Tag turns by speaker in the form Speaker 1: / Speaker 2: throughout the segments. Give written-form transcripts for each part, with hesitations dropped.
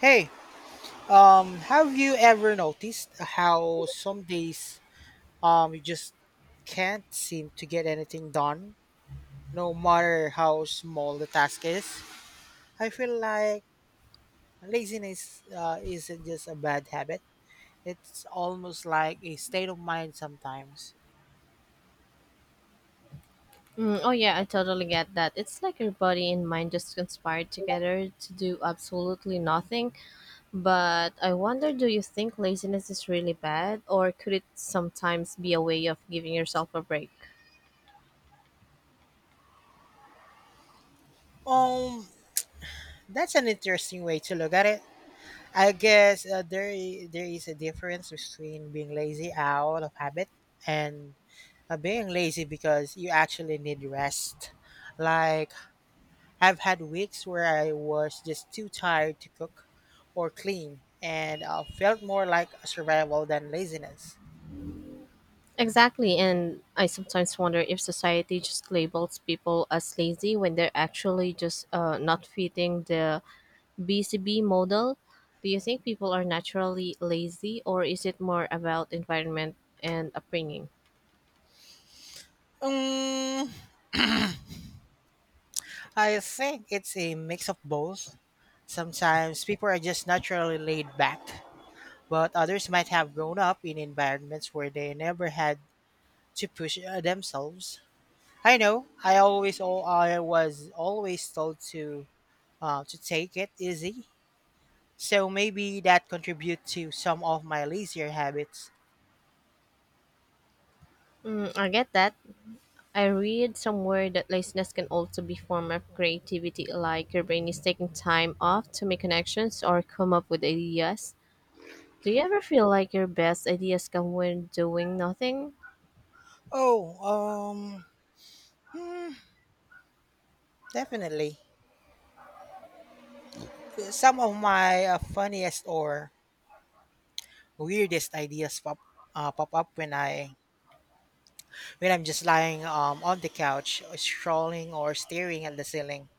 Speaker 1: Hey, have you ever noticed how some days you just can't seem to get anything done, no matter how small the task is? I feel like laziness isn't just a bad habit; it's almost like a state of mind sometimes.
Speaker 2: Mm, oh yeah, I totally get that. It's like your body and mind just conspired together to do absolutely nothing. But I wonder, do you think laziness is really bad or could it sometimes be a way of giving yourself a break?
Speaker 1: Um, that's an interesting way to look at it. I guess there is a difference between being lazy out of habit and being lazy because you actually need rest. Like, I've had weeks where I was just too tired to cook or clean and felt more like a survival than laziness.
Speaker 2: Exactly, and I sometimes wonder if society just labels people as lazy when they're actually just not fitting the BCB model. Do you think people are naturally lazy or is it more about environment and upbringing?
Speaker 1: Um, I think it's a mix of both. Sometimes people are just naturally laid back, but others might have grown up in environments where they never had to push themselves. I know. I was always told to take it easy. So maybe that contribute to some of my lazier habits.
Speaker 2: Mm, I get that. I read somewhere that laziness can also be form of creativity, like your brain is taking time off to make connections or come up with ideas. Do you ever feel like your best ideas come when doing nothing?
Speaker 1: Oh, um, hmm, Definitely. Some of my funniest or weirdest ideas pop up when I'm just lying on the couch, scrolling or staring at the ceiling.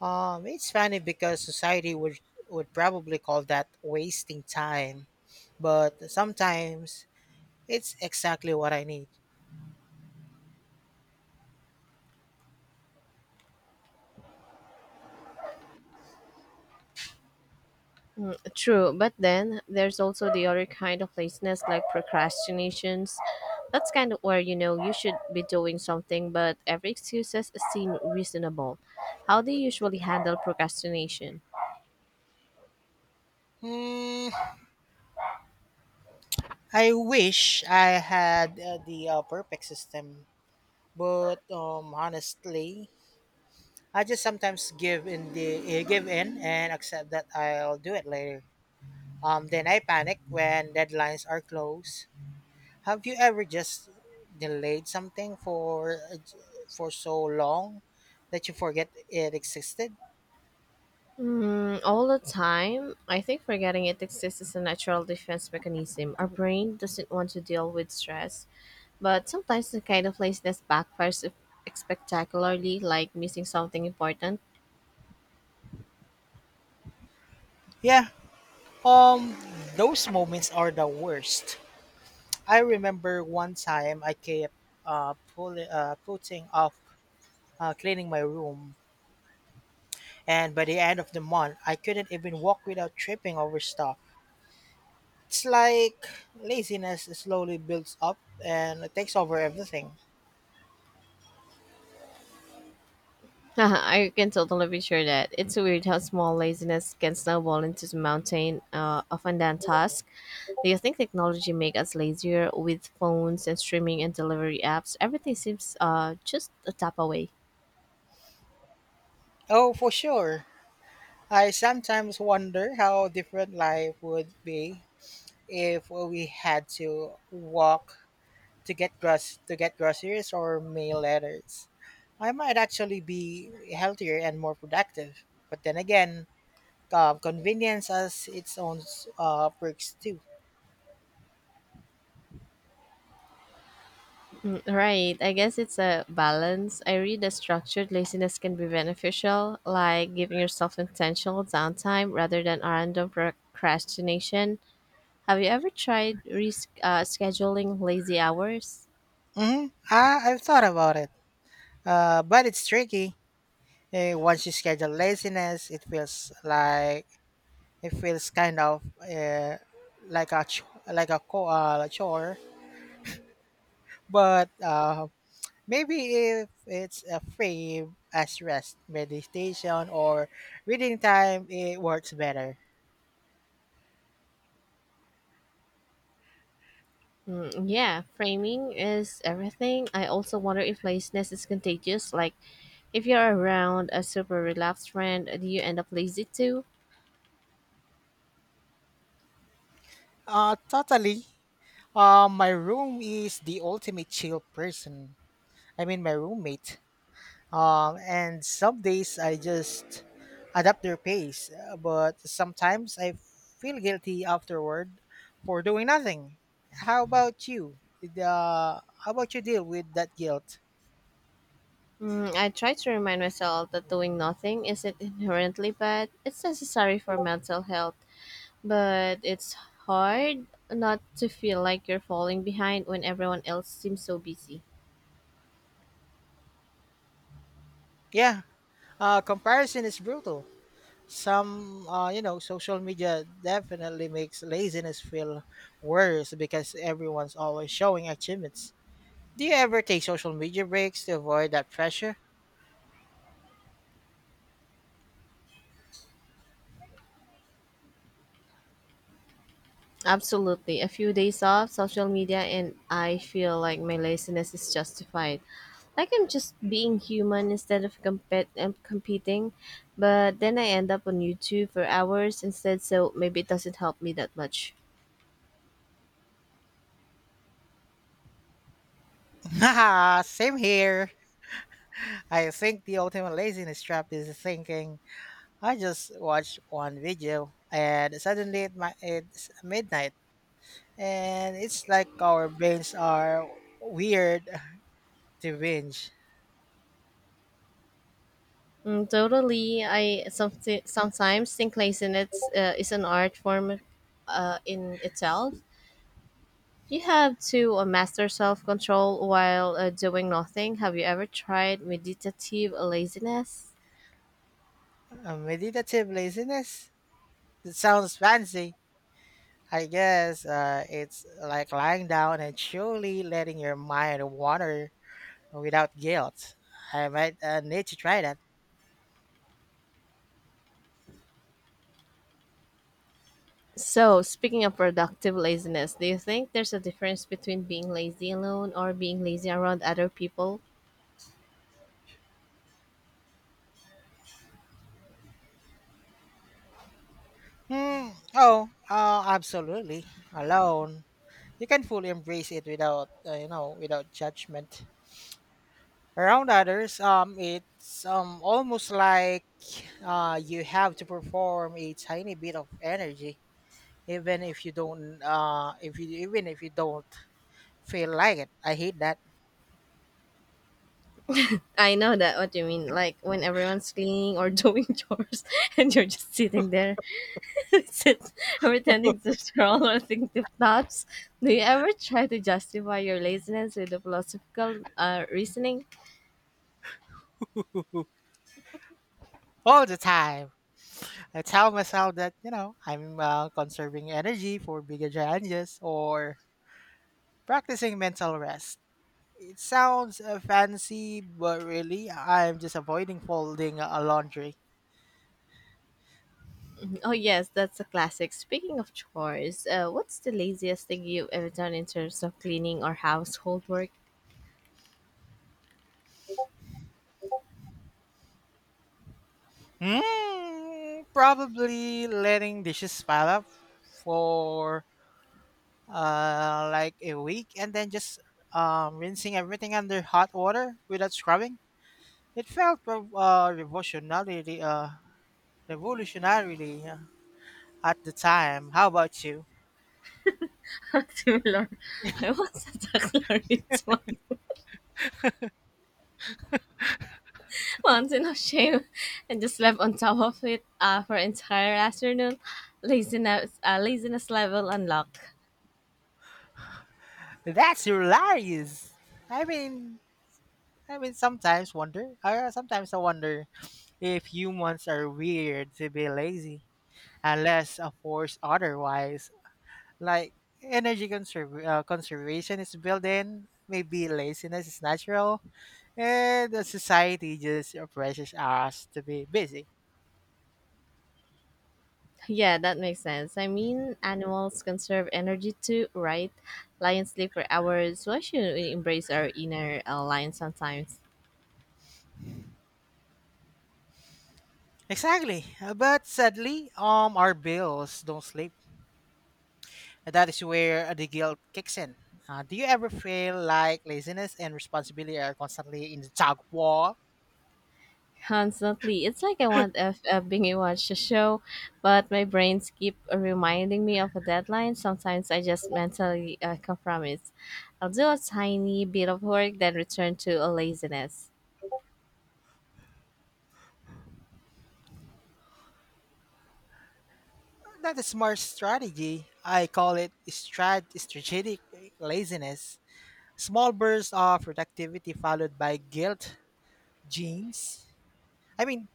Speaker 1: It's funny because society would probably call that wasting time, but sometimes it's exactly what I need.
Speaker 2: True, but then there's also the other kind of laziness, like procrastinations. That's kind of where you know you should be doing something, but every excuse is seem reasonable. How do you usually handle procrastination?
Speaker 1: Hmm, I wish I had the perfect system, but honestly, I just sometimes give in and accept that I'll do it later. Then I panic when deadlines are close. Have you ever just delayed something for so long that you forget it existed?
Speaker 2: Mm, all the time. I think forgetting it exists is a natural defense mechanism. Our brain doesn't want to deal with stress, but sometimes the kind of laziness backfires spectacularly, like missing something important.
Speaker 1: Yeah. Um, those moments are the worst. I remember one time I kept putting off cleaning my room. And by the end of the month, I couldn't even walk without tripping over stuff. It's like laziness slowly builds up and it takes over everything.
Speaker 2: I can totally picture that. It's weird how small laziness can snowball into the mountain of undone task. Do you think technology make us lazier with phones and streaming and delivery apps? Everything seems just a tap away.
Speaker 1: Oh, for sure. I sometimes wonder how different life would be if we had to walk to get groceries or mail letters. I might actually be healthier and more productive. But then again, convenience has its own perks too.
Speaker 2: Right. I guess it's a balance. I read that structured laziness can be beneficial, like giving yourself intentional downtime rather than random procrastination. Have you ever tried scheduling lazy hours?
Speaker 1: Mm-hmm. I've thought about it, but it's tricky. Once you schedule laziness, it feels kind of like a ch- like a co- like chore. But maybe if it's a free as rest, meditation, or reading time, it works better.
Speaker 2: Mm, yeah, framing is everything. I also wonder if laziness is contagious. Like, if you're around a super relaxed friend, do you end up lazy too?
Speaker 1: Totally. My room is the ultimate chill person. I mean, my roommate. And some days I just adapt their pace, but sometimes I feel guilty afterward for doing nothing. How about you? How about you deal with that guilt?
Speaker 2: Mm, I try to remind myself that doing nothing isn't inherently bad, it's necessary for mental health. But it's hard not to feel like you're falling behind when everyone else seems so busy.
Speaker 1: Yeah, comparison is brutal. You know, social media definitely makes laziness feel worse because everyone's always showing achievements. Do you ever take social media breaks to avoid that pressure?
Speaker 2: Absolutely. A few days off social media, and I feel like my laziness is justified. Like I'm just being human instead of competing. But then I end up on YouTube for hours instead, so maybe it doesn't help me that much.
Speaker 1: Haha, same here. I think the ultimate laziness trap is thinking I just watched one video and suddenly it's midnight and it's like our brains are weird to binge.
Speaker 2: Mm, totally. I sometimes think laziness is an art form in itself. You have to master self control while doing nothing. Have you ever tried meditative laziness?
Speaker 1: Meditative laziness? That sounds fancy. I guess it's like lying down and truly letting your mind wander without guilt. I might need to try that.
Speaker 2: So, speaking of productive laziness, do you think there's a difference between being lazy alone or being lazy around other people?
Speaker 1: Hmm. Oh, Absolutely. Alone you can fully embrace it without you know without judgment around others it's almost like you have to perform a tiny bit of energy even if you don't feel like it. I hate that.
Speaker 2: I know that what you mean, like when everyone's cleaning or doing chores and you're just sitting there, sit, pretending to scroll or think deep thoughts. Do you ever try to justify your laziness with a philosophical reasoning?
Speaker 1: All the time. I tell myself that you know I'm conserving energy for bigger challenges or practicing mental rest. It sounds fancy, but really I'm just avoiding folding laundry.
Speaker 2: Oh yes, that's a classic. Speaking of chores, what's the laziest thing you've ever done in terms of cleaning or household work?
Speaker 1: Mm, probably letting dishes pile up for like a week and then just rinsing everything under hot water without scrubbing. It felt revolutionarily at the time. How about you?
Speaker 2: Similar. I once attacked Lawrence one once in a shame and just slept on top of it for entire afternoon. Laziness level unlocked.
Speaker 1: That's hilarious. I mean, I mean, sometimes wonder. I sometimes I wonder if humans are weird to be lazy, unless of course otherwise. Like conservation is built in. Maybe laziness is natural and the society just oppresses us to be busy.
Speaker 2: Yeah, that makes sense. I mean, animals conserve energy too, right? Lions sleep for hours. Why shouldn't we embrace our inner lion sometimes?
Speaker 1: Exactly. But sadly our bills don't sleep. And that is where the guilt kicks in. Uh, do you ever feel like laziness and responsibility are constantly in the tug of war?
Speaker 2: Constantly. It's like I want F binge watch a show, but my brains keep reminding me of a deadline. Sometimes I just mentally compromise. I'll do a tiny bit of work, then return to a laziness.
Speaker 1: Not a smart strategy. I call it strategic laziness. Small bursts of productivity followed by guilt jeans. I mean,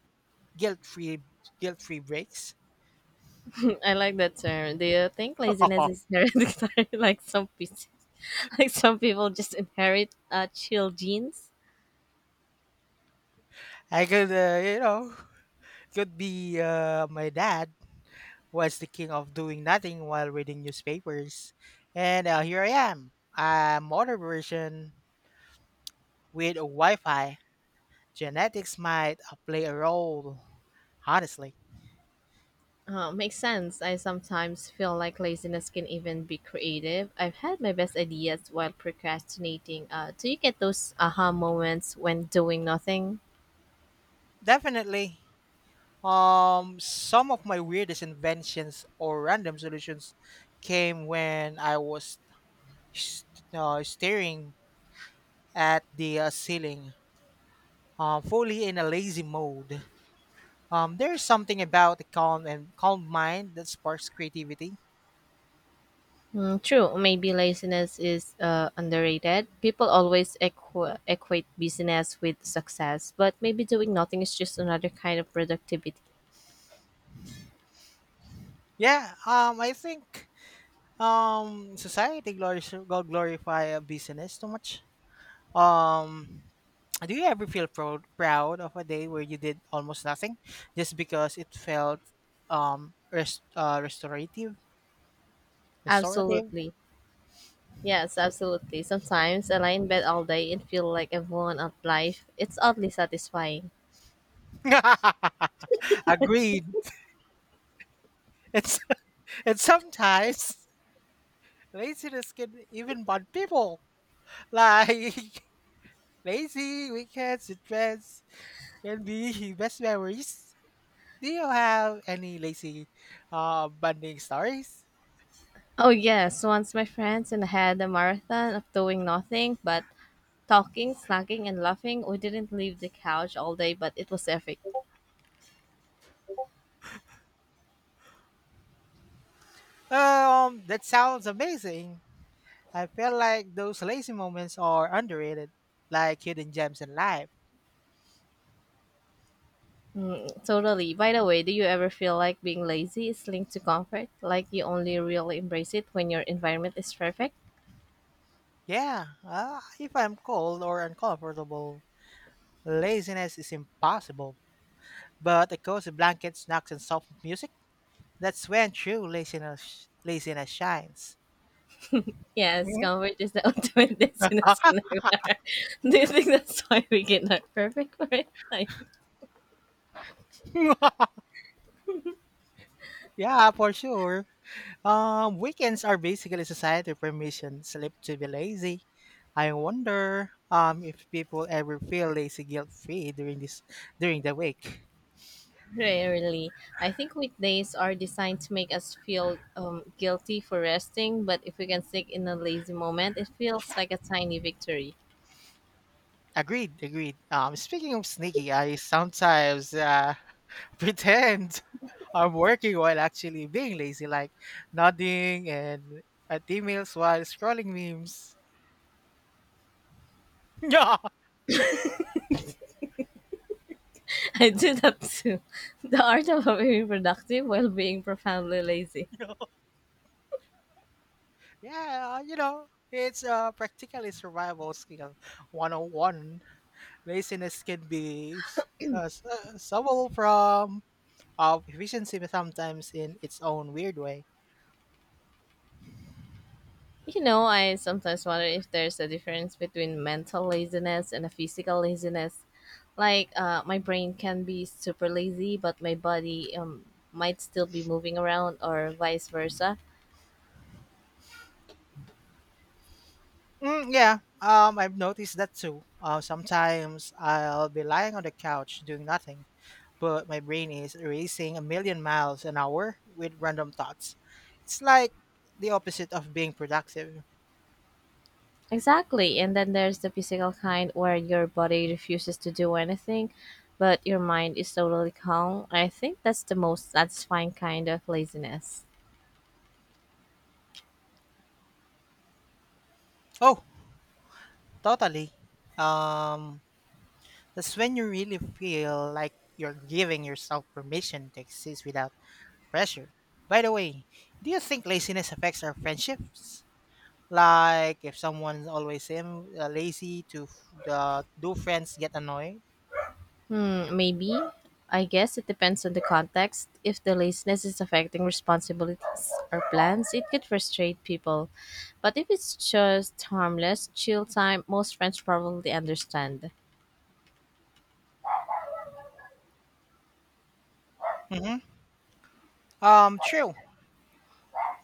Speaker 1: guilt-free, guilt-free breaks.
Speaker 2: I like that term. Do you think laziness is hereditary, like some people just inherit chill genes?
Speaker 1: I could, you know, could be. Uh, my dad was the king of doing nothing while reading newspapers, and here I am, a modern version with Wi-Fi. Genetics might play a role, honestly.
Speaker 2: Makes sense. I sometimes feel like laziness can even be creative. I've had my best ideas while procrastinating. Do you get those aha moments when doing nothing?
Speaker 1: Definitely. Some of my weirdest inventions or random solutions came when I was st- staring at the ceiling, fully in a lazy mode. There's something about a calm mind that sparks creativity.
Speaker 2: Mm, true. Maybe laziness is underrated. People always equate busyness with success, but maybe doing nothing is just another kind of productivity.
Speaker 1: Yeah, I think society glorifies glorify business too much. Um, do you ever feel proud of a day where you did almost nothing just because it felt restorative? Restorative?
Speaker 2: Absolutely. Yes, absolutely. Sometimes I lie in bed all day and feel like I've won at life. It's oddly satisfying.
Speaker 1: Agreed. It's it's sometimes laziness can even bond people. Like lazy weekends and friends can be best memories. Do you have any lazy bonding stories?
Speaker 2: Oh, yes. Once my friends and I had a marathon of doing nothing but talking, snacking, and laughing. We didn't leave the couch all day, but it was epic.
Speaker 1: That sounds amazing. I feel like those lazy moments are underrated, like hidden gems in life.
Speaker 2: Totally. By the way, do you ever feel like being lazy is linked to comfort? Like you only really embrace it when your environment is perfect?
Speaker 1: Yeah, if I'm cold or uncomfortable, laziness is impossible. But a cozy blanket, snacks, and soft music, that's when laziness shines.
Speaker 2: Yes,
Speaker 1: Mhm.
Speaker 2: comfort is the ultimate destination.
Speaker 1: Ah,
Speaker 2: Do you think that's why we get not perfect for it? Like,
Speaker 1: yeah, for sure. Weekends are basically society permission slip to be lazy. I wonder if people ever feel lazy guilt free during the week.
Speaker 2: rarely. I think weekdays are designed to make us feel guilty for resting, but if we can stick in a lazy moment, it feels like a tiny victory.
Speaker 1: Agreed, agreed. Speaking of sneaky, I sometimes pretend I'm working while actually being lazy, like nodding and at emails while scrolling memes.
Speaker 2: I do that too. The art of being productive while being profoundly lazy.
Speaker 1: Yeah. Yeah, you know, it's practically survival skill 101. Laziness can be subtle from efficiency but sometimes in its own weird way.
Speaker 2: You know, I sometimes wonder if there's a difference between mental laziness and a physical laziness. Like, my brain can be super lazy, but my body might still be moving around, or vice versa.
Speaker 1: Mm, yeah, I've noticed that too. Sometimes I'll be lying on the couch doing nothing, but my brain is racing a million miles an hour with random thoughts. It's like the opposite of being productive.
Speaker 2: Exactly. And then there's the physical kind where your body refuses to do anything, but your mind is totally calm. I think that's the most satisfying kind of laziness.
Speaker 1: Oh, totally. Um, That's when you really feel like you're giving yourself permission to exist without pressure. By the way, do you think laziness affects our friendships? Like, if someone's always lazy, to f- the do friends get annoyed?
Speaker 2: Hmm, maybe. I guess it depends on the context. If the laziness is affecting responsibilities or plans, it could frustrate people. But if it's just harmless, chill time, most friends probably understand.
Speaker 1: Mm-hmm. True.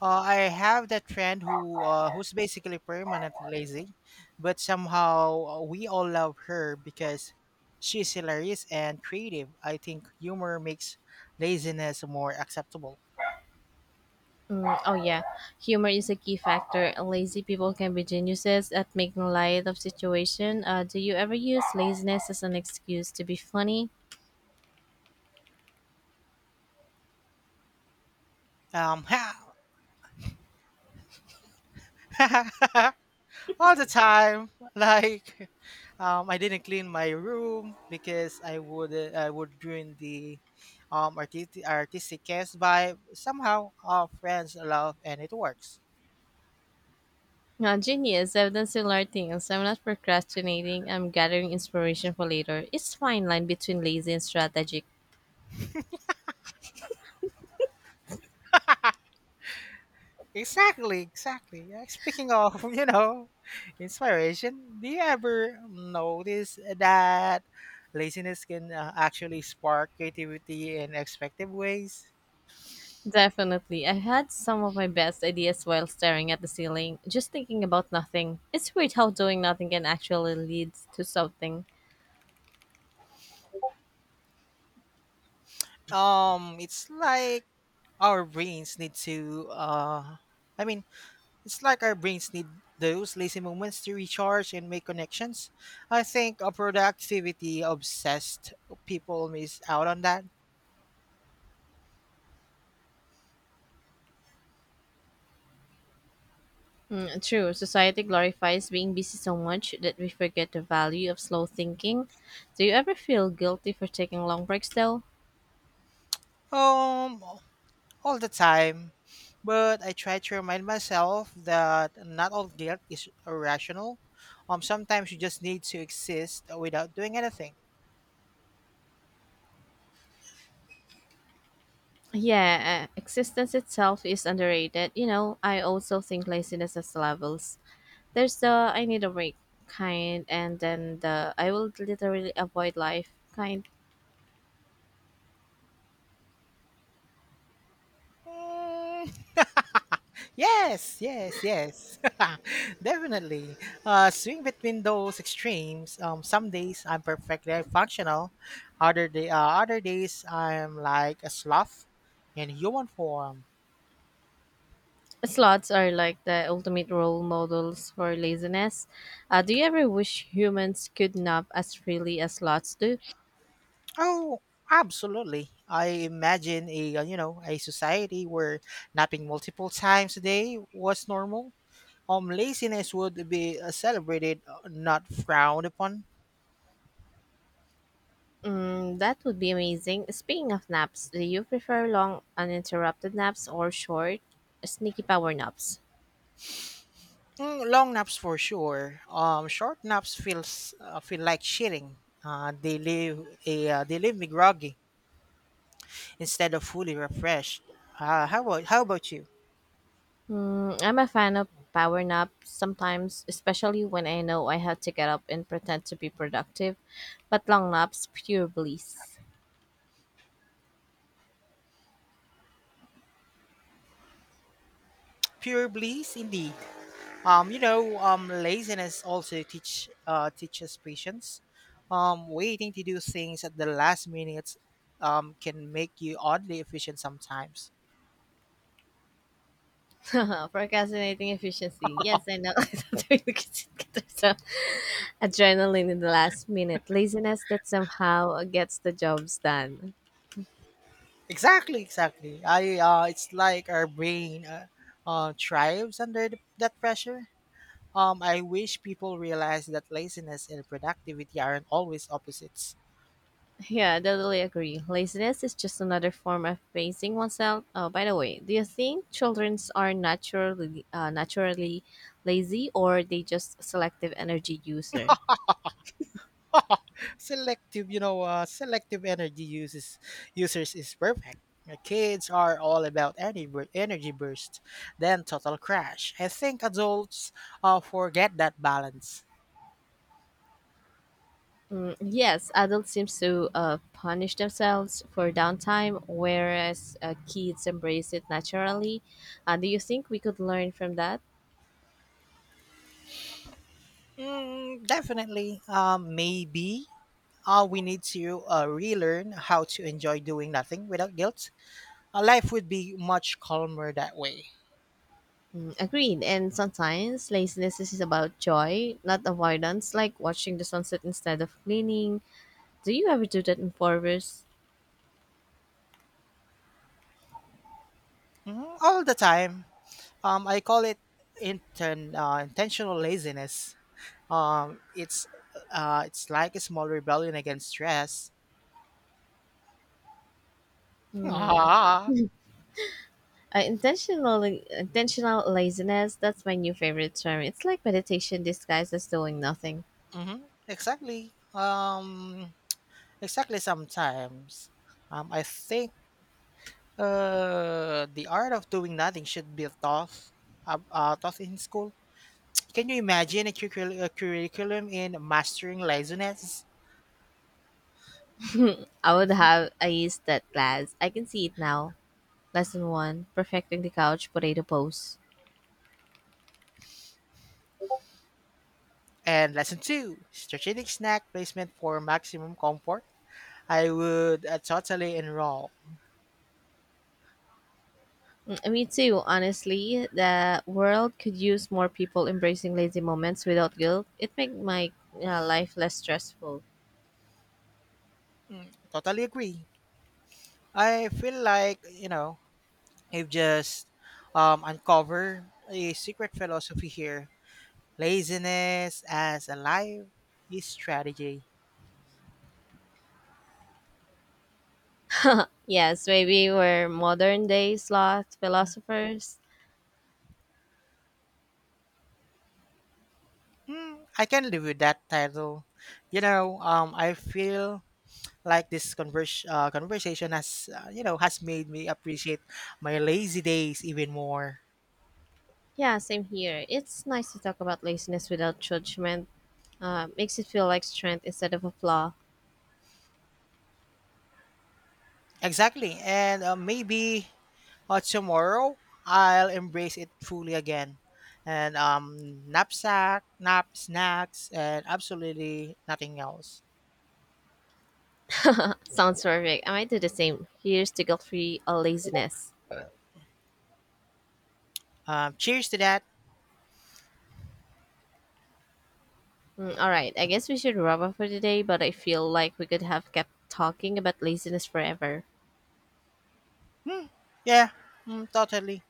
Speaker 1: I have that friend who's basically permanently lazy, but somehow we all love her because she's hilarious and creative. I think humor makes laziness more acceptable.
Speaker 2: Mm, oh yeah, humor is a key factor. Lazy people can be geniuses at making light of situation. Do you ever use laziness as an excuse to be funny?
Speaker 1: um all the time. Like I didn't clean my room because I would ruin the artistic case by somehow. Our friends love and it works.
Speaker 2: Genius, I've done similar things. I'm not procrastinating. I'm gathering inspiration for later. It's fine line between lazy and strategic.
Speaker 1: Exactly, exactly. Yeah, speaking of you know inspiration, do you ever notice that laziness can actually spark creativity in expected ways?
Speaker 2: Definitely, I had some of my best ideas while staring at the ceiling, just thinking about nothing. It's weird how doing nothing can actually lead to something.
Speaker 1: It's like our brains need to I mean, it's like our brains need those lazy moments to recharge and make connections. I think a productivity obsessed people miss out on that.
Speaker 2: Mm, true. Society glorifies being busy so much that we forget the value of slow thinking. Do you ever feel guilty for taking long breaks though?
Speaker 1: Um, all the time. But I try to remind myself that not all guilt is irrational. Um, sometimes you just need to exist without doing anything.
Speaker 2: Yeah, existence itself is underrated. You know, I also think laziness has levels. There's the I need a break kind, and then the I will literally avoid life kind.
Speaker 1: Mm. Yes, yes, yes. Definitely. Swing between those extremes. Some days I'm perfectly functional. Other days I'm like a sloth in human form.
Speaker 2: Slots are like the ultimate role models for laziness. Do you ever wish humans could nap as freely as slots do?
Speaker 1: Oh, absolutely. I imagine a you know a society where napping multiple times a day was normal. Laziness would be celebrated, not frowned upon.
Speaker 2: Mm, that would be amazing. Speaking of naps, do you prefer long uninterrupted naps or short, sneaky power naps?
Speaker 1: Mm, long naps for sure. Short naps feel like cheating. They leave me groggy instead of fully refreshed. How about you?
Speaker 2: Mm, I'm a fan of power naps sometimes, especially when I know I have to get up and pretend to be productive. But long naps, pure bliss.
Speaker 1: Pure bliss indeed. You know, laziness also teaches patience. Waiting to do things at the last minute can make you oddly efficient sometimes.
Speaker 2: Procrastinating efficiency. Yes, I know. So, adrenaline in the last minute. Laziness that somehow gets the jobs done.
Speaker 1: Exactly, exactly. I It's like our brain thrives under that pressure. I wish people realize that laziness and productivity aren't always opposites.
Speaker 2: Yeah, totally agree. Laziness is just another form of pacing oneself. Oh, by the way, do you think childrens are naturally naturally lazy, or they just selective energy user?
Speaker 1: Selective selective energy uses users is perfect. Kids are all about energy burst, then total crash. I think adults forget that balance.
Speaker 2: Mm, yes, adults seem to punish themselves for downtime, whereas kids embrace it naturally. Do you think we could learn from that?
Speaker 1: Mm, definitely. Maybe we need to relearn how to enjoy doing nothing without guilt. Life would be much calmer that way.
Speaker 2: Mm, agreed. And sometimes laziness is about joy, not avoidance, like watching the sunset instead of cleaning. Do you ever do that in forest?
Speaker 1: Mhm, all the time. I call it intentional laziness. Um, it's it's like a small rebellion against stress. Ah.
Speaker 2: Intentional laziness. That's my new favorite term. It's like meditation disguised as doing nothing.
Speaker 1: Mm-hmm. Exactly. Exactly. Sometimes, I think the art of doing nothing should be taught, taught in school. Can you imagine a curriculum in mastering laziness?
Speaker 2: I would have I used that class. I can see it now. Lesson one: perfecting the couch potato pose.
Speaker 1: And lesson two: strategic snack placement for maximum comfort. I would totally enroll.
Speaker 2: Mm, me too. Honestly, the world could use more people embracing lazy moments without guilt. It makes my life less stressful.
Speaker 1: Totally agree. I feel like you know you've just uncovered a secret philosophy here. Laziness as a life is strategy.
Speaker 2: Yes, maybe we're modern day sloth philosophers.
Speaker 1: Hmm, I can live with that title. You know, I feel like this conversation has you know has made me appreciate my lazy days even more.
Speaker 2: Yeah, same here. It's nice to talk about laziness without judgment. Makes it feel like strength instead of a flaw.
Speaker 1: Exactly. And maybe tomorrow I'll embrace it fully again. And knapsack, nap, snacks, and absolutely nothing else.
Speaker 2: Sounds perfect. I might do the same. Here's to guilt-free laziness.
Speaker 1: Cheers to that.
Speaker 2: Mm, all right, I guess we should wrap up for today, but I feel like we could have kept talking about laziness forever.
Speaker 1: Hmm. Yeah, totally.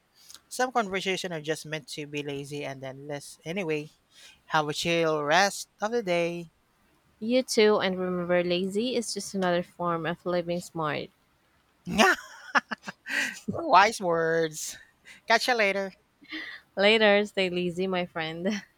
Speaker 1: Some conversation are just meant to be lazy and then less. Anyway, have a chill rest of the day.
Speaker 2: You too, and remember, lazy is just another form of living smart.
Speaker 1: Wise words. Catch you later.
Speaker 2: Later, stay lazy, my friend.